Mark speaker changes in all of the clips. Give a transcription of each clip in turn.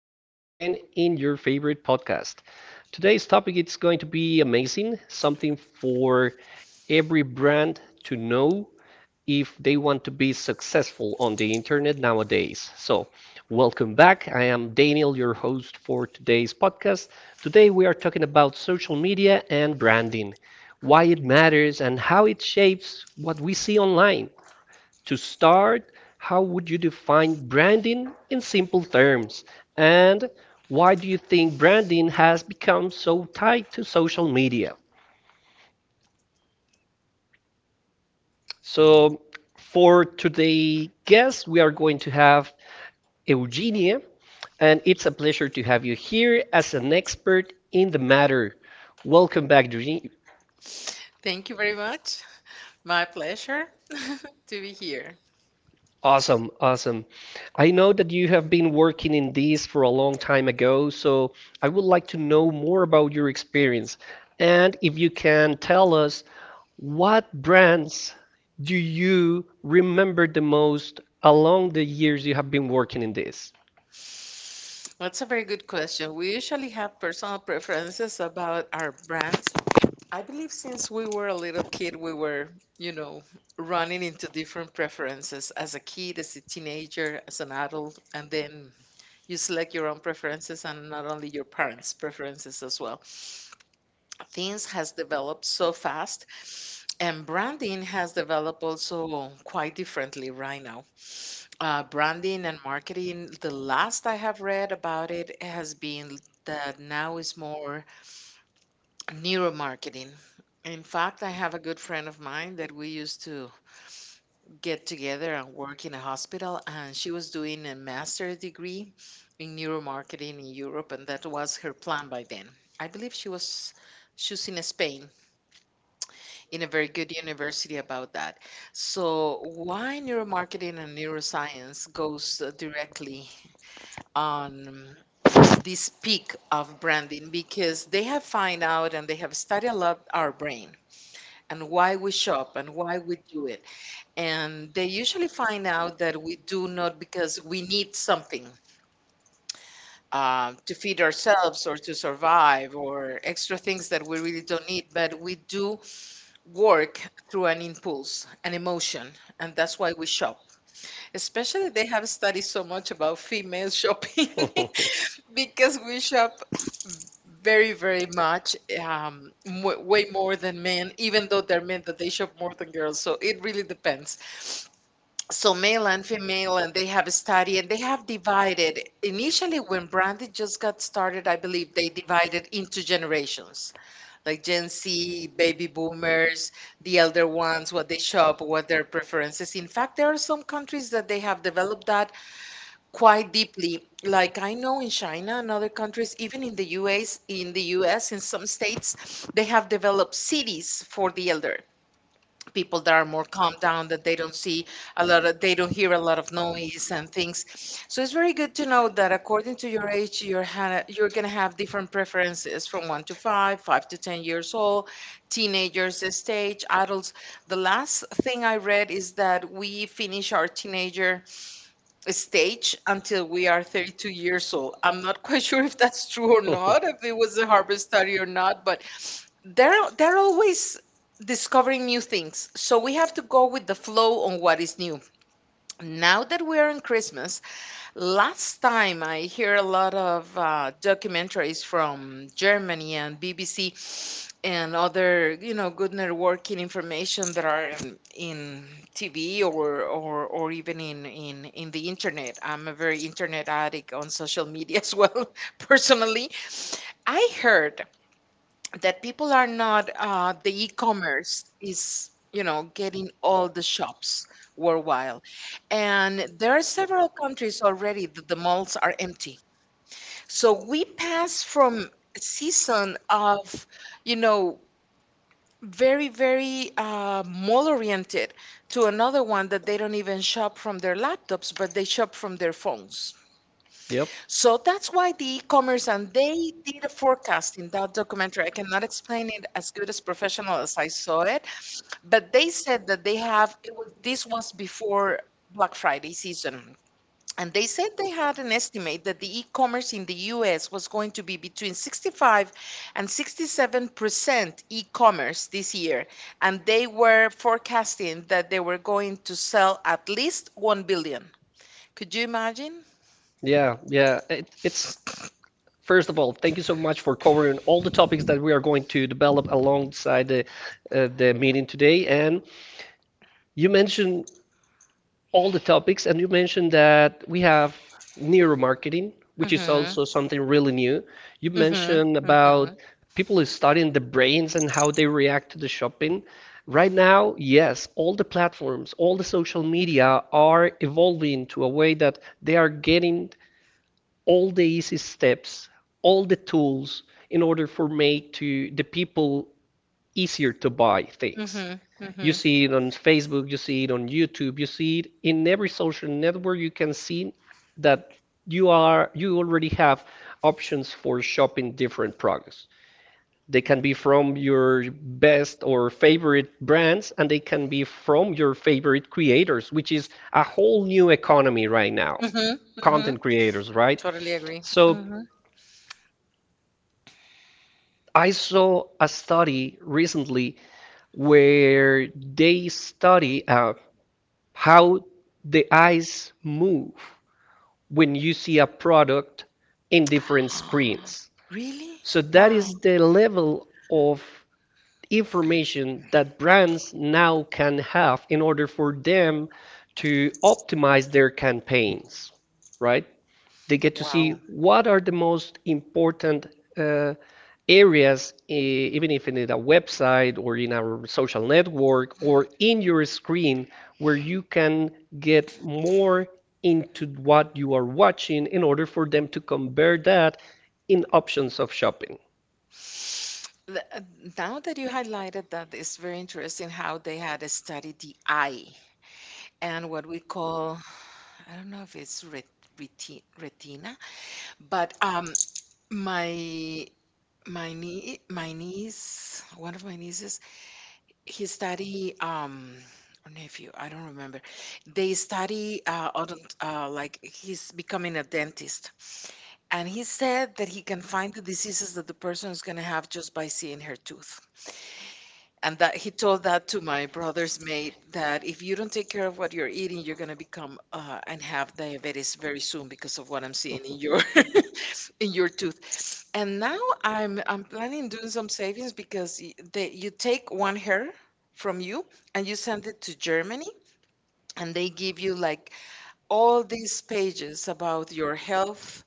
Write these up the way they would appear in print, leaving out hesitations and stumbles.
Speaker 1: once again in your favorite podcast. Today's topic is going to be amazing, something for every brand to know if they want to be successful on the internet nowadays. So, welcome back. I am Daniel, your host for today's podcast. Today, we are talking about social media and branding, why it matters, and how it shapes what we see online. To start, how would you define branding in simple terms? And why do you think branding has become so tied to social media? So, for today's guest, we are going to have Eugenia, and it's a pleasure to have you here as an expert in the matter. Welcome back, Eugenia.
Speaker 2: Thank you very much. My pleasure to be here.
Speaker 1: Awesome, awesome. I know that you have been working in this for a long time ago, so I would like to know more about your experience. And if you can tell us, what brands do you remember the most along the years you have been working in this?
Speaker 2: That's a very good question. We usually have personal preferences about our brands. I believe since we were a little kid, we were, you know, running into different preferences as a kid, as a teenager, as an adult, and then you select your own preferences and not only your parents' preferences as well. Things has developed so fast and branding has developed also quite differently right now. Branding and marketing, the last I have read about it has been that now is more neuromarketing. In fact, I have a good friend of mine that we used to get together and work in a hospital, and she was doing a master's degree in neuromarketing in Europe, and that was her plan by then. I believe she was choosing Spain in a very good university about that. So, why neuromarketing and neuroscience goes directly on this peak of branding because they have find out and they have studied a lot our brain and why we shop and why we do it, and they usually find out that we do not because we need something to feed ourselves or to survive or extra things that we really don't need, but we do work through an impulse, an emotion, and that's why we shop, especially they have studied so much about female shopping because we shop very, very much. W way more than men, even though they're men that they shop more than girls. So it really depends. So male and female, and they have a study and they have divided. Initially, when branded just got started, I believe they divided into generations, like Gen Z, baby boomers, the elder ones, what they shop, what their preferences. In fact, there are some countries that they have developed that quite deeply. Like I know in China and other countries, even in the US, in some states, they have developed cities for the elder people that are more calm down, that they don't see a lot of, they don't hear a lot of noise and things. So it's very good to know that according to your age, you're gonna have different preferences from one to five, 5 to 10 years old, teenagers stage, adults. The last thing I read is that we finish our teenager stage until we are 32 years old. I'm not quite sure if that's true or not, if it was a Harvard study or not, but they're always discovering new things. So we have to go with the flow on what is new. Now that we're on Christmas, last time I hear a lot of documentaries from Germany and BBC and other good networking information that are in, in TV or even in the internet. I'm a very internet addict on social media as well. Personally, I heard that people are not, the e-commerce is, getting all the shops worldwide, and there are several countries already that the malls are empty. So we pass from a season of, you know very, very, mall oriented, to another one that they don't even shop from their laptops, but they shop from their phones.
Speaker 1: Yep.
Speaker 2: So that's why the e-commerce, and they did a forecast in that documentary. I cannot explain it as good as professional as I saw it, but they said that they have, this was before Black Friday season, and they said they had an estimate that the e-commerce in the US was going to be between 65 and 67% e-commerce this year. And they were forecasting that they were going to sell at least 1 billion. Could you imagine?
Speaker 1: It's first of all, thank you so much for covering all the topics that we are going to develop alongside the meeting today. And you mentioned all the topics, and you mentioned that we have neuromarketing,
Speaker 2: Mm
Speaker 1: which
Speaker 2: hmm.
Speaker 1: is also something really
Speaker 2: Mm
Speaker 1: new. You mentioned
Speaker 2: hmm. Mm
Speaker 1: about
Speaker 2: hmm.
Speaker 1: people is studying the brains and how they react to the shopping. Right now, yes, all the platforms, all the social media are evolving to a way that they are getting all the easy steps, all the tools in order for make to the people easier to buy
Speaker 2: Mm
Speaker 1: things.
Speaker 2: hmm. Mm hmm.
Speaker 1: You see it on Facebook, you see it on YouTube, you see it in every social network. You can see that you already have options for shopping different products. They can be from your best or favorite brands, and they can be from your favorite creators, which is a whole new economy right now.
Speaker 2: Mhm,
Speaker 1: Mm-hmm.
Speaker 2: mhm.
Speaker 1: Content creators, right?
Speaker 2: Totally agree.
Speaker 1: So
Speaker 2: Mhm.
Speaker 1: I saw a study recently where they study how the eyes move when you see a product in different screens.
Speaker 2: Really?
Speaker 1: So that
Speaker 2: Wow.
Speaker 1: is the level of information that brands now can have in order for them to optimize their campaigns, right? They get to see
Speaker 2: Wow.
Speaker 1: what are the most important uh, areas, even if in a website or in our social network or in your screen, where you can get more into what you are watching in order for them to compare that in options of shopping.
Speaker 2: The, uh, Now that you highlighted that, it's very interesting how they had to study the eye and what we call, I don't know if it's retina, but my my niece, one of my nieces, he study or nephew, I don't remember. They study like he's becoming a dentist, and he said that he can find the diseases that the person is going to have just by seeing her tooth. And that he told that to my brother's mate that if you don't take care of what you're eating, you're going to become and have diabetes very soon because of what I'm seeing in your in your tooth. And now I'm planning doing some savings because they, you take one hair from you and you send it to Germany, and they give you like all these pages about your health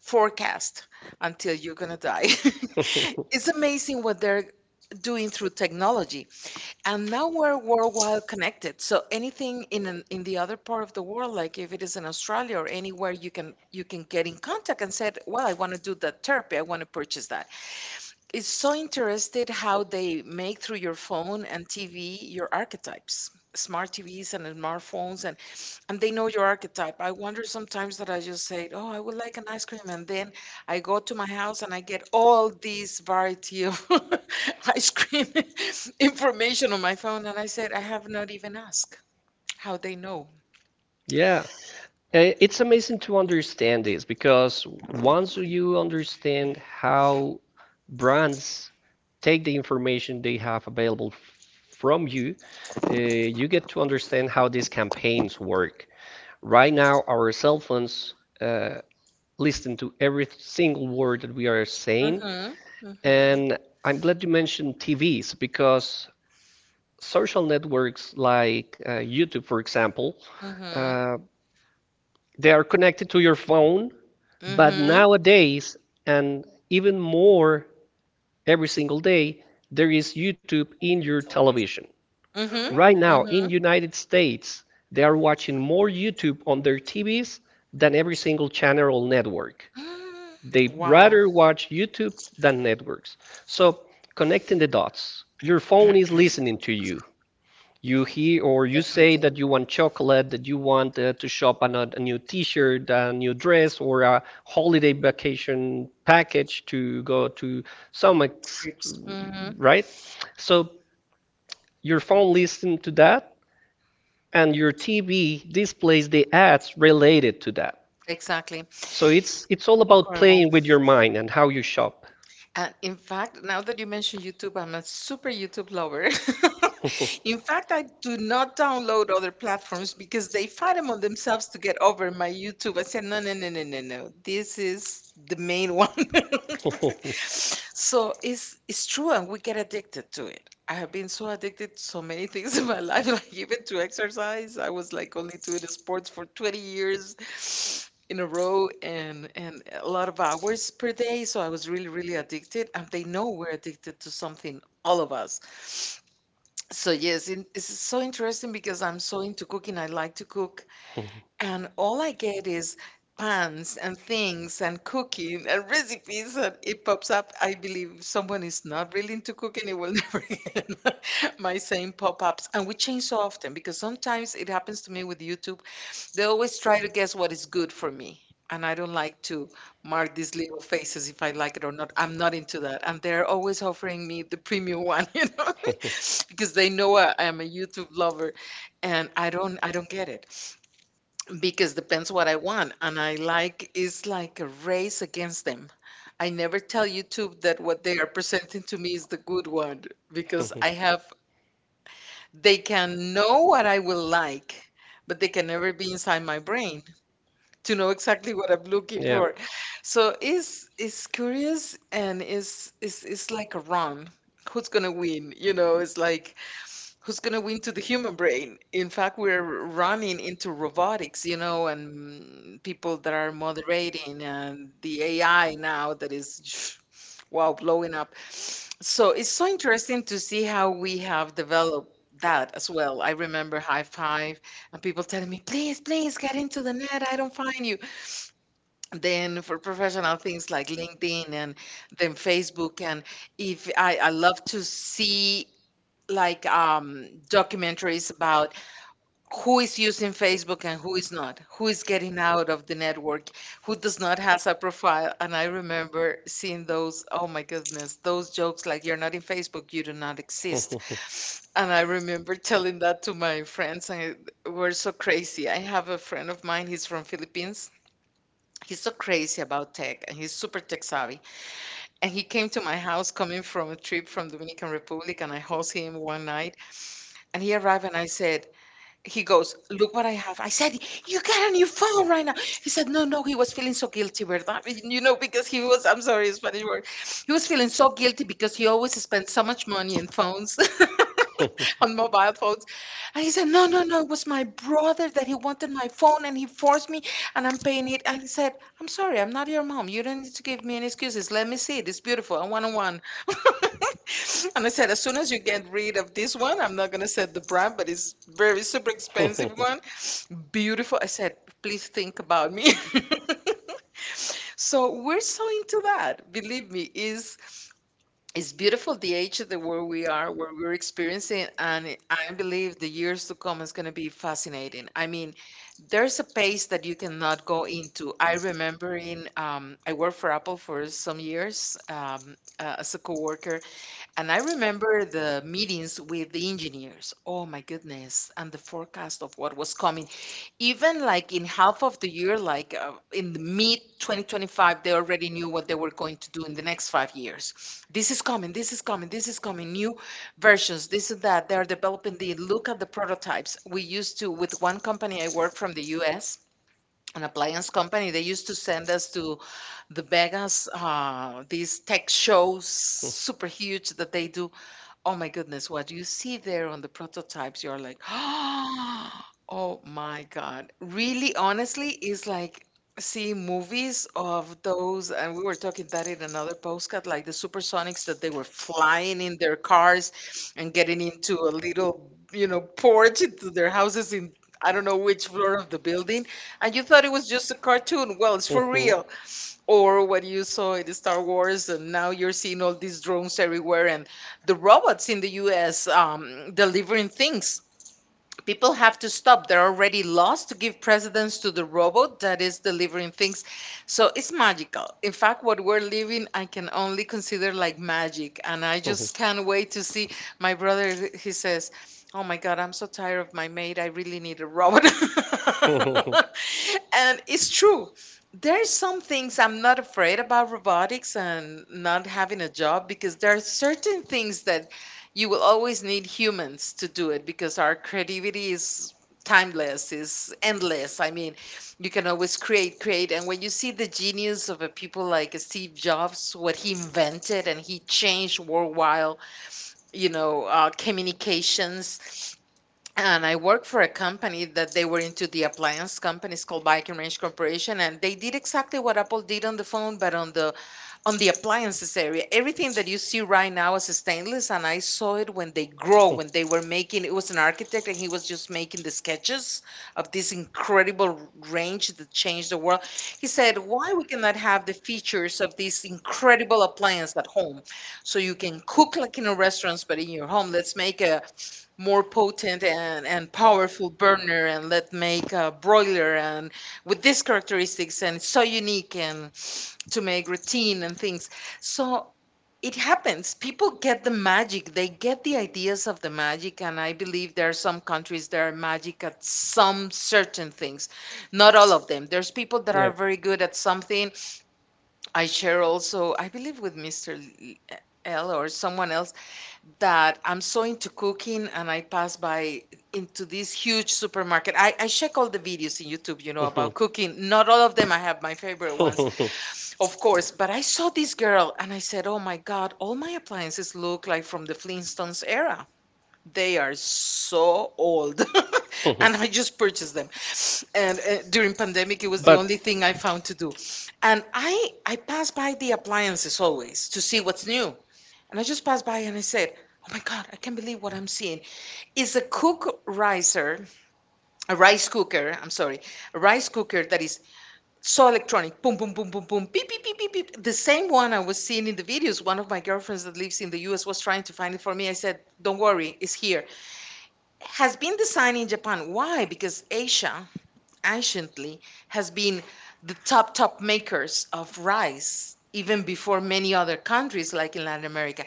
Speaker 2: forecast until you're going to die.
Speaker 1: Okay.
Speaker 2: It's amazing what they're
Speaker 1: It's doing
Speaker 2: doing through technology.
Speaker 1: technology.
Speaker 2: And now we're
Speaker 1: World,
Speaker 2: worldwide connected. So anything in the other part of the
Speaker 1: the
Speaker 2: world,
Speaker 1: world, like,
Speaker 2: like if it is in Australia or anywhere, you can get in contact and said, "Well,
Speaker 1: wow.
Speaker 2: I want to do that therapy. I want to purchase that." It's so interested how they make through your phone and TV your archetypes, smart TVs and smartphones, and they know your archetype. I wonder sometimes that I just say, "Oh, I would like an ice cream," and then I go to my house and I get all this variety of ice cream information on my phone, and I said, "I have not even asked how they know."
Speaker 1: Yeah. It's amazing to understand this because once you understand how brands take the information they have available from you, you get to understand how these campaigns work. Right now, our cell phones uh, listen to every single word that we are saying.
Speaker 2: Mhm. Mhm.
Speaker 1: And I'm glad you mentioned TVs because social networks like YouTube, for example,
Speaker 2: Mhm.
Speaker 1: uh, they are connected to your phone. But
Speaker 2: Mhm.
Speaker 1: nowadays, and even more every single day, there is YouTube in your television. Mhm.
Speaker 2: Mhm.
Speaker 1: Right now,
Speaker 2: Mhm.
Speaker 1: in United States, they are watching more YouTube on their TVs than every single channel or network.
Speaker 2: Mm.
Speaker 1: They
Speaker 2: Wow.
Speaker 1: rather watch YouTube than networks. So connecting the dots, your phone is listening to you. You hear or you say that you want chocolate, that you want to shop on a new T-shirt, a new dress, or a holiday vacation package to go to some ex,
Speaker 2: Mhm,
Speaker 1: right? So your phone listens to that, and your TV displays the ads related to that.
Speaker 2: exactly. So
Speaker 1: So it's all about playing with your mind and how you shop.
Speaker 2: and in fact, now that you mention YouTube, I'm a super YouTube lover. In fact, I do not download other platforms because they fight among themselves to get over my YouTube. I said, no, no, no, no, no, no. This is the main one. So it's true, and we get addicted to it. I have been so addicted to so many things in my life, like even to exercise. I was like only doing sports for 20 years in a row, and a lot of hours per day. So I was really, really addicted. And they know we're addicted to something, all of us. So yes, it's so interesting because I'm so into cooking. I like to cook. And all I get is pans and things and cooking and recipes, and it pops up. I believe someone is not really into cooking, it will never get my same pop-ups. And we change so often because sometimes it happens to me with YouTube. They always try to guess what is good for me. And I don't like to mark these little faces if I like it or not. I'm not into that. And they're always offering me the premium one, because they know I am a YouTube lover, and I don't get it because depends what I want. And I like it's like a race against them. I never tell YouTube that what they are presenting to me is the good one because I have they can know what I will like, but they can never be inside my brain to know exactly what I'm looking
Speaker 1: Yeah.
Speaker 2: for. So it's curious, and it's like a run. Who's gonna win? You know, it's like who's going to win to the human brain? In fact, we're running into robotics, and people that are moderating, and the AI now that is, wow, blowing up. So it's so interesting to see how we have developed that as well. I remember High Five and people telling me, please, please get into the net. I don't find you. Then for professional things like LinkedIn and then Facebook. And if I, I love to see like documentaries about who is using Facebook and who is not, who is getting out of the network, who does not has a profile. And I remember seeing those, oh my goodness, those jokes like you're not in Facebook, you do not exist. And I remember telling that to my friends and we're so crazy. I have a friend of mine, he's from Philippines. He's so crazy about tech and he's super tech savvy. And he came to my house coming from a trip from Dominican Republic, and I host him one night, and he arrived and he goes, "Look what I have." I said, "You got a new phone right now." He said, "No, no." He was feeling so guilty, verdad? You know, because he was. I'm sorry, Spanish word. He was feeling so guilty because he always spent so much money on phones, on mobile phones. And he said, "No, no, no, it was my brother that he wanted my phone and he forced me and I'm paying it." And he said, "I'm sorry, I'm not your mom. You don't need to give me any excuses. Let me see it. It's beautiful. I want to one." And I said, "As soon as you get rid of this one," I'm not gonna say the brand, but it's very super expensive one. Beautiful. I said, "Please think about me." So we're so into that. Believe me, is it's beautiful the age that where we are, where we're experiencing, and I believe the years to come is gonna be fascinating. I mean, there's a pace that you cannot go into. I remember in I worked for Apple for some years as a coworker, and I remember the meetings with the engineers. Oh my goodness. And the forecast of what was coming. Even like in half of the year, like in the mid 2025, they already knew what they were going to do in the next 5 years. This is coming. This is coming. This is coming. New versions. This and that. They are developing the look at the prototypes. We used to, with one company I work from the US, an appliance company, they used to send us to the Vegas, these tech shows, super huge that they do. Oh my goodness, what you see there on the prototypes, you're like, oh my God. Really, honestly, is like seeing movies of those, and we were talking that in another postcard, like the supersonics that they were flying in their cars and getting into a little, you know, porch into their houses in I don't know which floor of the building, and you thought it was just a cartoon. Well, it's for real, or what you saw in Star Wars, and now you're seeing all these drones everywhere and the robots in the U.S. Delivering things, people have to stop. They're already lost to give precedence to the robot that is delivering things. So it's magical. In fact, what we're living, I can only consider like magic. And I just can't wait to see. My brother, he says, "Oh my God, I'm so tired of my maid. I really need a robot." And it's true. There's some things I'm not afraid about robotics and not having a job because there are certain things that you will always need humans to do it because our creativity is timeless, is endless. I mean, you can always create. And when you see the genius of a people like Steve Jobs, what he invented and he changed worldwide, you know, communications. And I worked for a company that they were into the appliance companies called Bike and Range Corporation, and they did exactly what Apple did on the phone, but on the appliances area. Everything that you see right now is stainless, and I saw it when they grow, when they were making. It was an architect, and he was just making the sketches of this incredible range that changed the world. He said, "Why we cannot have the features of this incredible appliance at home, so you can cook like in a restaurant, but in your home? Let's make a more potent and powerful burner, and let us make a broiler, and with these characteristics, and it's so unique and." To make routine and things. So it happens. People get the magic. They get the ideas of the magic. And I believe there are some countries that are magic at some certain things. Not all of them. There's people that are very good at something. I share also, I believe, with Mr. L L or someone else, that I'm so into cooking, and I pass by into this huge supermarket. I check all the videos in YouTube, you know, about cooking. Not all of them. I have my favorite ones. Of course, but I saw this girl and I said, "Oh my God, all my appliances look like from the Flintstones era. They are so old." And I just purchased them. And during pandemic, it was the only thing I found to do. And I pass by the appliances always to see what's new. And I just passed by and I said, "Oh my God, I can't believe what I'm seeing." It's a cook riser, a rice cooker. I'm sorry, a rice cooker that is so electronic, boom, boom, boom, boom, boom, beep, beep, beep, beep, beep. The same one I was seeing in the videos. One of my girlfriends that lives in the US was trying to find it for me. I said, "Don't worry, it's here. Has been designed in Japan." Why? Because Asia, anciently, has been the top, top makers of rice, even before many other countries like in Latin America.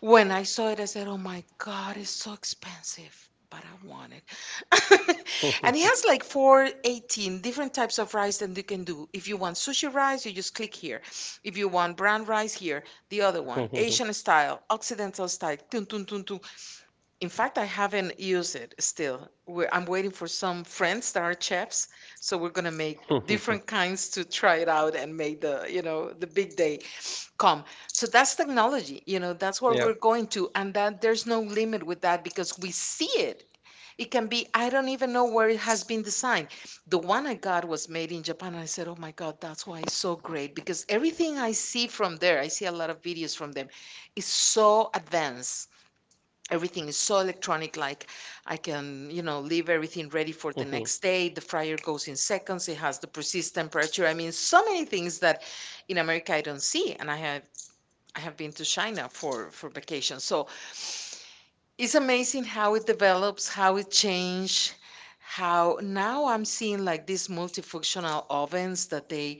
Speaker 2: When I saw it, I said, "Oh my God, it's so expensive, but I want it." And it has like four, 18 different types of rice that you can do. If you want sushi rice, you just click here. If you want brown rice, here. The other one, Asian style, Occidental style. Tun, tun, tun, tun. In fact, I haven't used it still. We I'm waiting for some friends that are chefs, so we're gonna make different kinds to try it out and make the, you know, the big day come. So that's technology, you know, that's where we're going to, and that there's no limit with that because we see it. It can be, I don't even know where it has been designed. The one I got was made in Japan, and I said, "Oh my God, that's why it's so great," because everything I see from there, I see a lot of videos from them, is so advanced. Everything is so electronic. Like, I can, you know, leave everything ready for the next day. The fryer goes in seconds. It has the precise temperature. I mean, so many things that in America I don't see, and I have. I have been to China for vacation. So it's amazing how it develops, how it changed, how now I'm seeing like these multifunctional ovens that they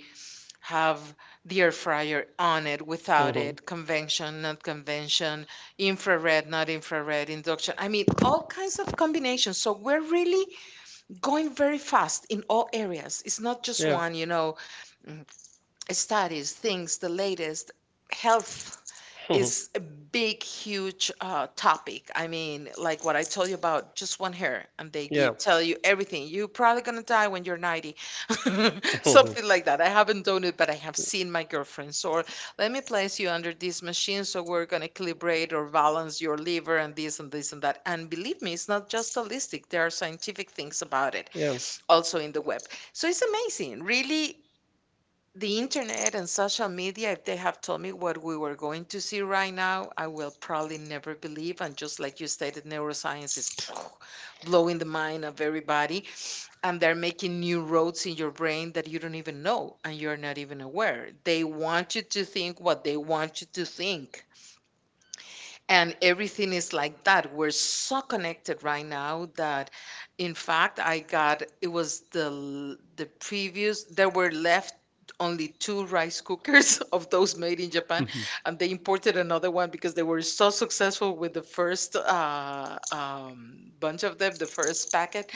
Speaker 2: have the air fryer on it, without
Speaker 1: Mhm.
Speaker 2: it, convention, not convention, infrared, not infrared, induction. I mean, all kinds of combinations. So we're really going very fast in all areas. It's not just
Speaker 1: Yeah.
Speaker 2: one, you know, mm, studies, things, the latest, health
Speaker 1: Mhm.
Speaker 2: is a big, huge topic. I mean, like what I told you about just one hair, and they
Speaker 1: Yeah.
Speaker 2: give, tell you everything. You're probably gonna die when you're 90, something like that. I haven't done it, but I have seen my girlfriends. Or let me place you under this machine, so we're gonna calibrate or balance your liver and this and this and that. And believe me, it's not just holistic. There are scientific things about it,
Speaker 1: yeah.
Speaker 2: also in the web. So it's amazing, really the internet and social media, if they have told me what we were going to see right now, I will probably never believe. And just like you stated, neuroscience is blowing the mind of everybody. And they're making new roads in your brain that you don't even know and you're not even aware. They want you to think what they want you to think, and everything is like that, we're so connected right now that in fact I got, it was the previous, there were left only 2 rice cookers of those made in Japan, and they imported another one because they were so successful with the first bunch of them, the first packet,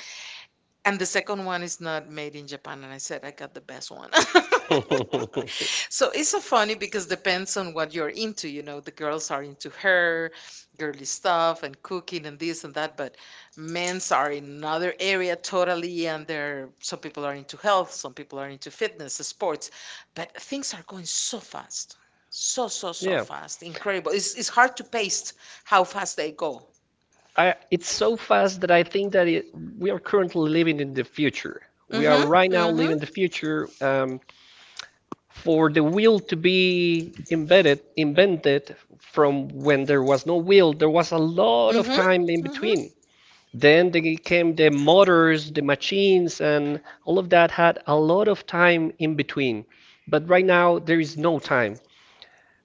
Speaker 2: and the second one is not made in Japan. And I said, "I got the best one." So it's so funny because depends on what you're into. You know, the girls are into hair, girly stuff, and cooking and this and that. But men's are in another area totally. And there, some people are into health, some people are into fitness, sports. But things are going so fast. So, so, so fast. Incredible. It's hard to pace how fast they go.
Speaker 1: It's so fast that I think that we are currently living in the future.
Speaker 2: Mm
Speaker 1: We are right
Speaker 2: hmm.
Speaker 1: now
Speaker 2: Mm hmm.
Speaker 1: living the future.
Speaker 2: Um,
Speaker 1: For the wheel to be embedded, invented from when there was no wheel, there was a lot of
Speaker 2: Mhm.
Speaker 1: time in
Speaker 2: Mhm.
Speaker 1: between. Then they came the motors, the machines, and all of that had a lot of time in between. But right now there is no time.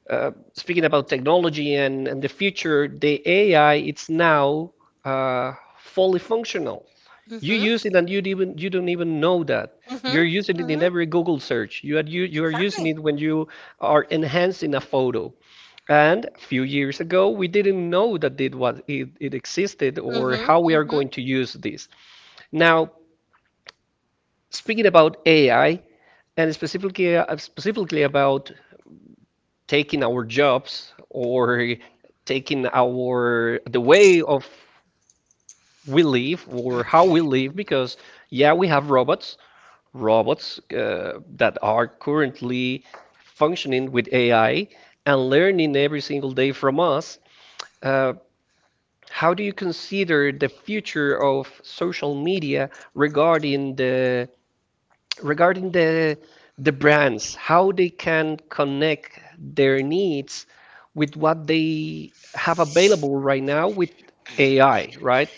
Speaker 1: Speaking about technology and the future, the AI it's now fully functional. You use it
Speaker 2: Mhm.
Speaker 1: and you don't even know that. Mm-hmm. You're
Speaker 2: Mhm.
Speaker 1: using it in
Speaker 2: Mhm.
Speaker 1: every Google search. You are using
Speaker 2: Exactly.
Speaker 1: it when you are enhancing a photo. And a few years ago, we didn't know that it existed or
Speaker 2: Mhm.
Speaker 1: how we are
Speaker 2: Mhm.
Speaker 1: going to use this. Now, speaking about AI and specifically about taking our jobs or taking our the way of we live or how we live because yeah we have robots that are currently functioning with AI and learning every single day from us, uh, how do you consider the future of social media regarding the brands, how they can connect their needs with what they have available right now with AI, right?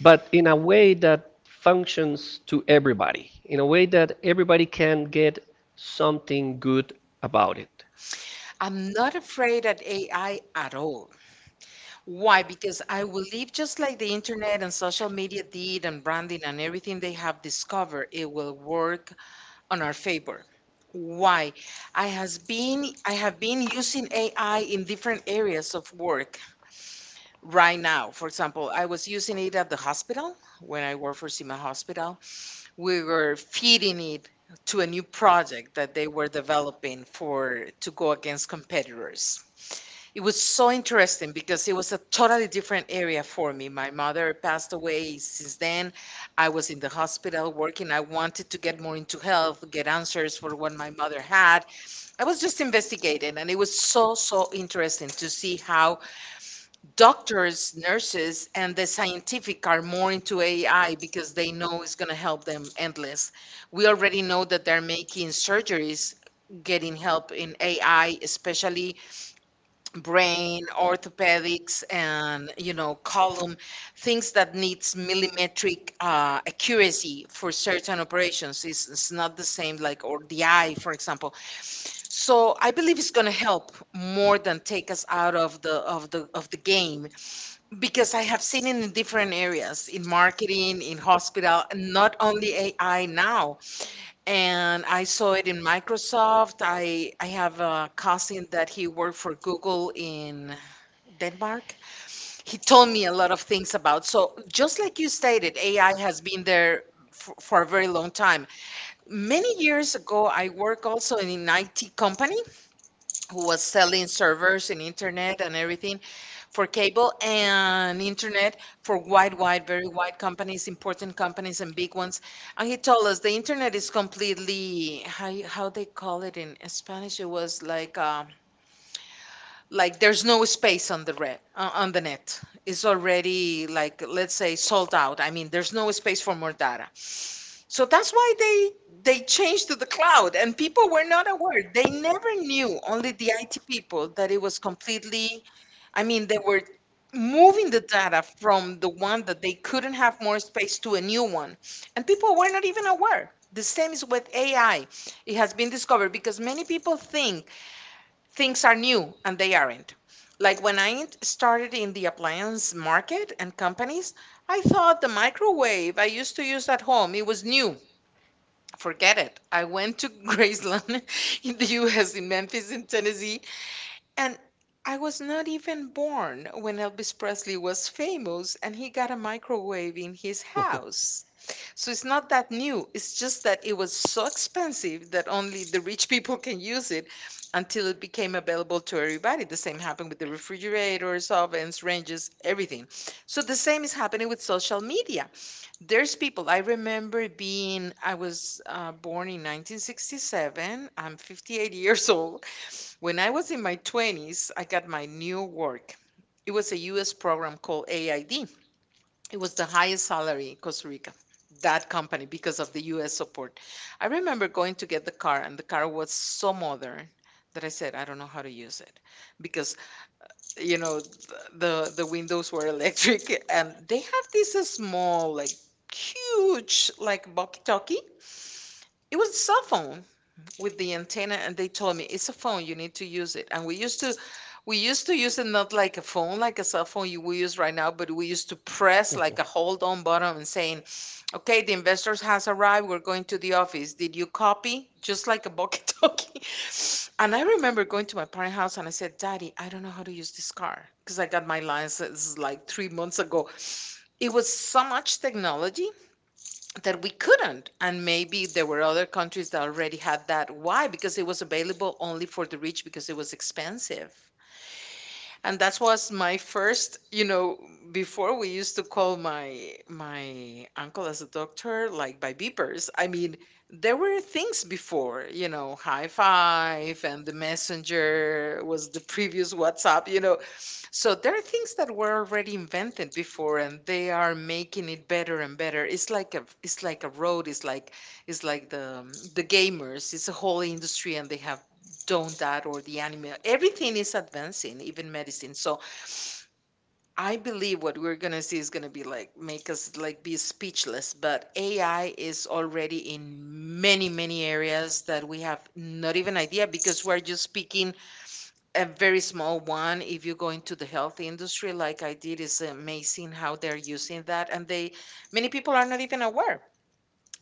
Speaker 1: But in a way that functions to everybody, in a way that everybody can get something good about it.
Speaker 2: I'm not afraid at AI at all. Why? Because I believe just like the internet and social media did and branding and everything they have discovered, it will work on our favor. Why? I have been using AI in different areas of work right now. For example, I was using it at the hospital when I worked for Sima Hospital. We were feeding it to a new project that they were developing for to go against competitors. It was so interesting because it was a totally different area for me. My mother passed away. Since then, I was in the hospital working. I wanted to get more into health, get answers for what my mother had. I was just investigating, and it was so, so interesting to see how doctors, nurses, and the scientific are more into AI because they know it's going to help them endless. We already know that they're making surgeries getting help in AI, especially brain, orthopedics, and you know, column things that needs millimetric accuracy for certain operations. It's not the same like or the eye, for example. So I believe it's going to help more than take us out of the of the game because I have seen it in different areas, in marketing, in hospital, and not only AI now. And I saw it in Microsoft. I have a cousin that he worked for Google in Denmark. He told me a lot of things about. So just like you stated, AI has been there for a very long time. Many years ago, I worked also in an IT company who was selling servers and internet and everything for cable and internet for wide, very wide companies, important companies and big ones. And he told us the internet is completely how you- how they call it in Spanish. It was like there's no space on the red on the net. It's already like let's say sold out. I mean, there's no space for more data. So that's why they changed to the cloud and people were not aware. They never knew, only the IT people, that it was completely I mean, they were moving the data from the one that they couldn't have more space to a new one. And people were not even aware. The same is with AI. It has been discovered because many people think things are new and they aren't. Like when started in the appliance market and companies, I thought the microwave I used to use at home, it was new. Forget it. I went to Graceland in the US, in Memphis, in Tennessee, and I was not even born when Elvis Presley was famous and he got a microwave in his house. So it's not that new. It's just that it was so expensive that only the rich people can use it until it became available to everybody. The same happened with the refrigerators, ovens, ranges, everything. So the same is happening with social media there's people. I remember being, I was born in 1967. I'm 58 years old. When I was in my 20s, I got my new work. It was a US program called AID. It was the highest salary in Costa Rica, that company, because of the US support. I remember going to get the car, and the car was so modern that I said, I don't know how to use it because you know th- the windows were electric, and they had this small, like huge, like walkie-talkie. It was a cell phone with the antenna, and they told me it's a phone, you need to use it. And we used to use it not like a phone, like a cell phone you we use right now. But we used to press like a hold on button and saying, okay, the investors has arrived, we're going to the office, did you copy, just like a walkie-talkie. And I remember going to my parents' house and I said, Daddy, I don't know how to use this car because I got my license like 3 months ago. It was so much technology that we couldn't. And maybe there were other countries that already had that. Why? Because it was available only for the rich because it was expensive. And that was my first, you know, before we used to call my uncle as a doctor like by beepers. I mean, there were things before, you know, high five and the messenger was the previous WhatsApp, you know. So there are things that were already invented before, and they are making it better and better. It's like a road. It's like the gamers. It's a whole industry, and they have done that or the anime. Everything is advancing, even medicine. So I believe what we're gonna see is gonna be like make us like be speechless. But AI is already in many many areas that we have not even idea because we're just speaking a very small one. If you go into the health industry like I did, is amazing how they're using that. And they many people are not even aware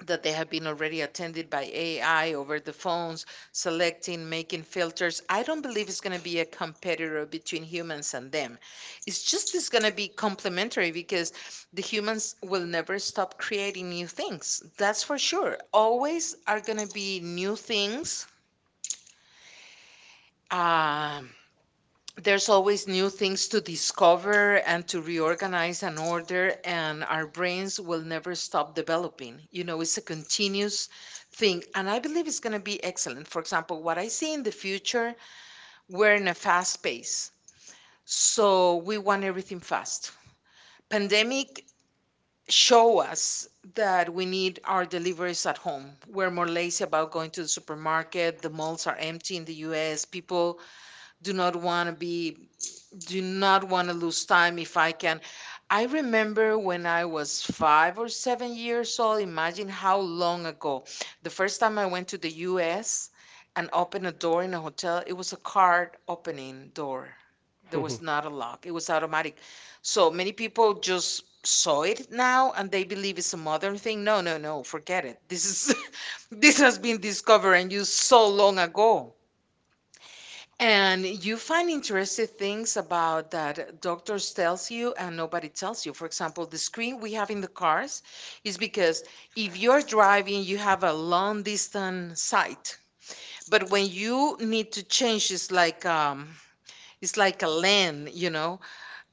Speaker 2: that they have been already attended by AI over the phones, selecting, making filters. I don't believe it's going to be a competitor between humans and them. It's going to be complementary because the humans will never stop creating new things. That's for sure, always are going to be new things. um there's always new things to discover and to reorganize and order, and our brains will never stop developing, you know. It's a continuous thing, and I believe it's going to be excellent. For example, what I see in the future, we're in a fast pace, so we want everything fast. Pandemic show us that we need our deliveries at home. We're more lazy about going to the supermarket. The malls are empty in the US. People do not want to be do not want to lose time if I can. I remember when I was 5 or 7 years old, imagine how long ago. The first time I went to the US and opened a door in a hotel, it was a card opening door. There was not a lock, it was automatic. So many people just saw it now and they believe it's a modern thing. No, no, no, forget it. This is this has been discovered and used so long ago. And you find interesting things about that doctors tells you and nobody tells you. For example, the screen we have in the cars is because if you're driving, you have a long distance sight. But when you need to change, it's like a lane, you know.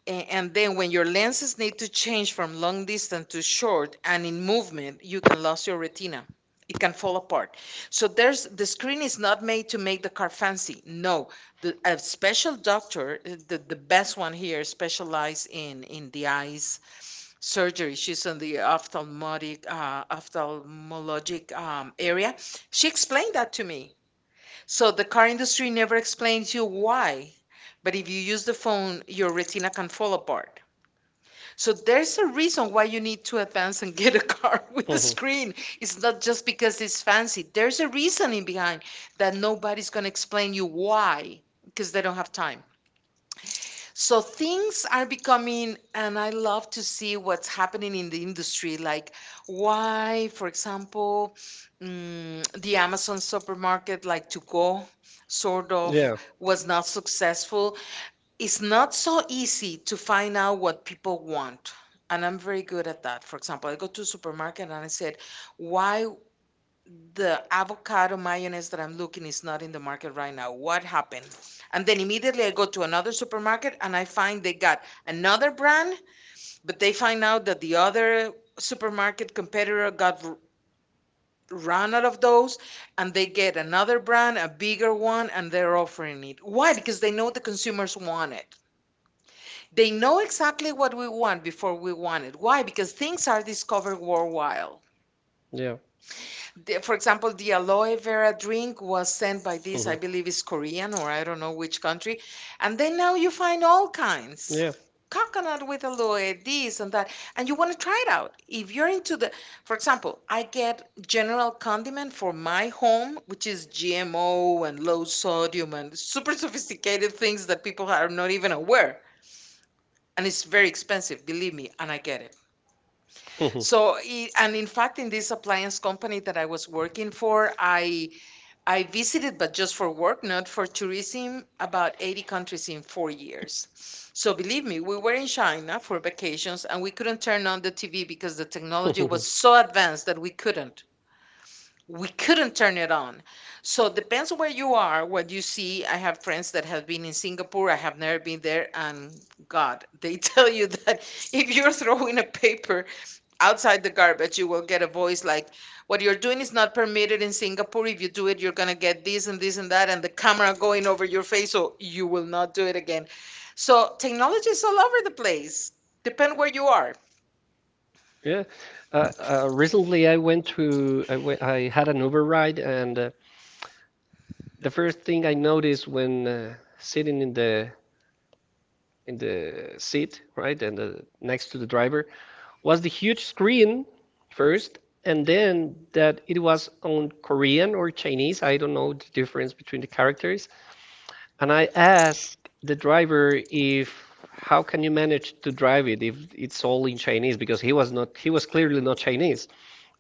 Speaker 2: And then when your lenses need to change from long distance to short and in movement, you can lose your retina. It can fall apart. So there's the screen is not made to make the car fancy. No, the a special doctor, the best one here, specialized in the eyes surgery. She's in the ophthalmic ophthalmologic area. She explained that to me. So the car industry never explains you why, but if you use the phone, your retina can fall apart. So there's a reason why you need to advance and get a car with a screen. It's not just because it's fancy. There's a reasoning behind that nobody's going to explain you why because they don't have time. So things are becoming, and I love to see what's happening in the industry. Like why, for example, the Amazon supermarket like to go sort of was not successful. It's not so easy to find out what people want, and I'm very good at that. For example, I go to a supermarket and I said, why the avocado mayonnaise that I'm looking is not in the market right now, what happened. And then immediately I go to another supermarket and I find they got another brand. But they find out that the other supermarket competitor got run out of those, and they get another brand, a bigger one, and they're offering it. Why? Because they know the consumers want it. They know exactly what we want before we want it. Why? Because things are discovered worldwide.
Speaker 1: Yeah.
Speaker 2: For example, the aloe vera drink was sent by this, I believe is Korean or I don't know which country. And then now you find all kinds.
Speaker 1: Yeah.
Speaker 2: Coconut with aloe, this and that, and you want to try it out. If you're into the, for example, I get general condiment for my home, which is GMO and low sodium and super sophisticated things that people are not even aware, and it's very expensive, believe me, and I get it.
Speaker 1: mhm.
Speaker 2: And in fact, in this appliance company that I was working for, I visited, but just for work, not for tourism, about 80 countries in 4 years. So believe me, we were in China for vacations and we couldn't turn on the TV because the technology was so advanced that we couldn't, we couldn't turn it on. So depends where you are, what you see. I have friends that have been in Singapore. I have never been there, and God, they tell you that if you're throwing a paper outside the garbage, you will get a voice like, "What you're doing is not permitted in Singapore. If you do it, you're gonna get this and this and that, and the camera going over your face, so you will not do it again." So technology is all over the place. Depend where you are.
Speaker 1: Yeah. Recently, I went to I went, I had an Uber ride, and the first thing I noticed when sitting in the seat, right, and next to the driver, was the huge screen first, and then that it was on Korean or Chinese. I don't know the difference between the characters. And I asked the driver if how can you manage to drive it if it's all in Chinese because he was clearly not Chinese.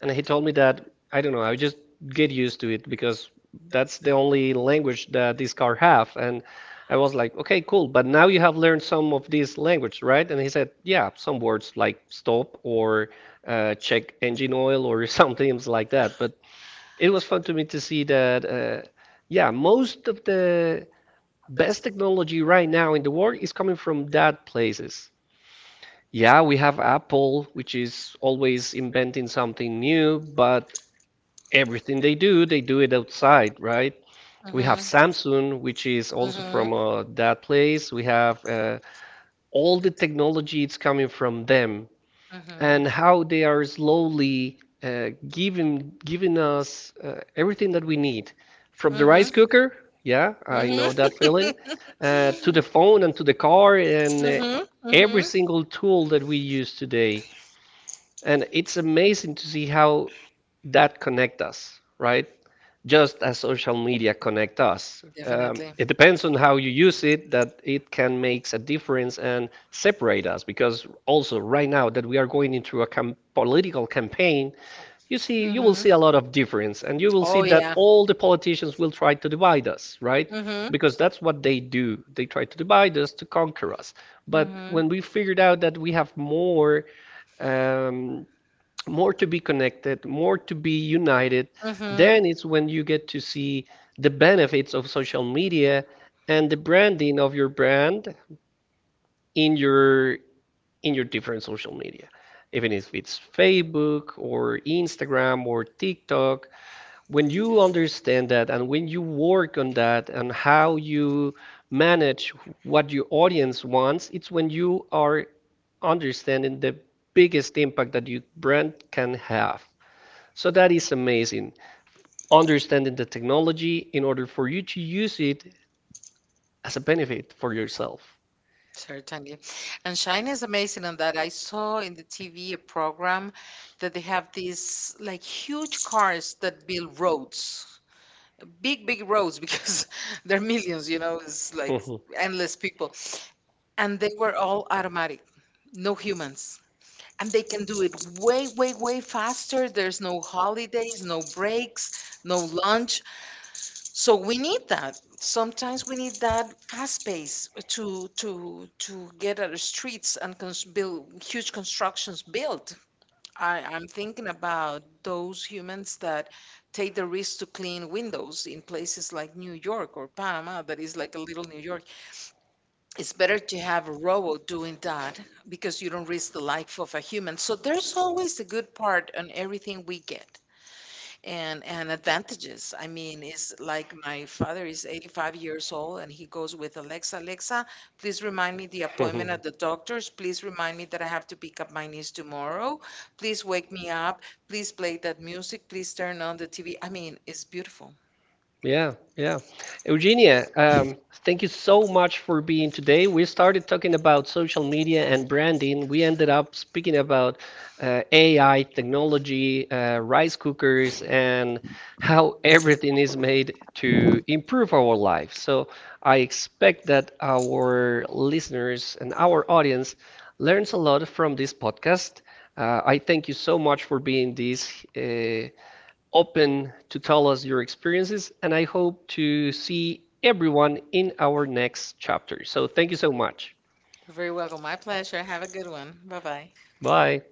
Speaker 1: And he told me that, I don't know, I just get used to it because that's the only language that this car have. And I was like, okay, cool. But now you have learned some of these language, right? And he said, yeah, some words like stop or check engine oil or something like that. But it was fun to me to see that, yeah, most of the best technology right now in the world is coming from that places. Yeah, we have Apple, which is always inventing something new, but everything they do it outside, right? We
Speaker 2: Mhm,
Speaker 1: have Samsung, which is
Speaker 2: mhm,
Speaker 1: also from
Speaker 2: hmm.
Speaker 1: that place. We have all the technology it's coming from them,
Speaker 2: We hmm.
Speaker 1: and how they are slowly giving us everything that we need, from the rice
Speaker 2: Mhm.
Speaker 1: cooker, yeah, I
Speaker 2: Mhm.
Speaker 1: know that feeling, to the phone and to the car and
Speaker 2: Mhm.
Speaker 1: every single tool that we use today. And it's amazing to see how that connect us, right? Just as social media connect us.
Speaker 2: Definitely.
Speaker 1: It depends on how you use it that it can makes a difference and separate us. Because also right now that we are going into a political campaign, you see, you will see a lot of difference, and you will see that all the politicians will try to divide us, right?
Speaker 2: Mhm. that
Speaker 1: Because that's what they do. They try to divide us to conquer us. But when we figured out that we have more um, more to be connected, more to be united, mhm, then it's when you get to see the benefits of social media and the branding of your brand in your in your different social media. Even if it's Facebook or Instagram or TikTok, when you understand that and when you work on that and how you manage what your audience wants, it's when you are understanding the biggest impact that your brand can have. So that is amazing. Understanding the technology in order for you to use it as a benefit for yourself.
Speaker 2: Certainly. And China is amazing on that. I saw in the TV a program that they have these like huge cars that build roads.
Speaker 1: It
Speaker 2: Big roads
Speaker 1: grows,
Speaker 2: because there are millions, you
Speaker 1: you
Speaker 2: know.
Speaker 1: know, it's
Speaker 2: It's
Speaker 1: like,
Speaker 2: like
Speaker 1: mhm,
Speaker 2: Mhm. endless
Speaker 1: and
Speaker 2: people, and they were all automatic, no humans, and they can do it way faster. There's no holidays, no breaks, no lunch. So we need that. Sometimes we need that fast pace to get out of the streets and build huge constructions built. I'm thinking about those humans that take the risk to clean windows in places like New York or Panama, that is like a little New York. It's better to have a robot doing that because you don't risk the life of a human. So there's always a good part on everything we get and advantages. I mean, it's like my father is 85 years old and he goes with Alexa, Alexa, please remind me the appointment at the doctor's. Please remind me that I have to pick up my niece tomorrow. Please wake me up. Please play that music. Please turn on the TV. I mean, it's beautiful.
Speaker 1: yeah, yeah. Eugenia, thank you so much for being today. We started talking about social media and branding. We ended up speaking about AI, technology, rice cookers, and how everything is made to improve our life. So I expect that our listeners and our audience learns a lot from this podcast. I thank you so much for being this. Open to tell us your experiences, and I hope to see everyone in our next chapter. So thank you so much.
Speaker 2: You're very welcome. My pleasure. Have a good one. Bye bye.
Speaker 1: Bye.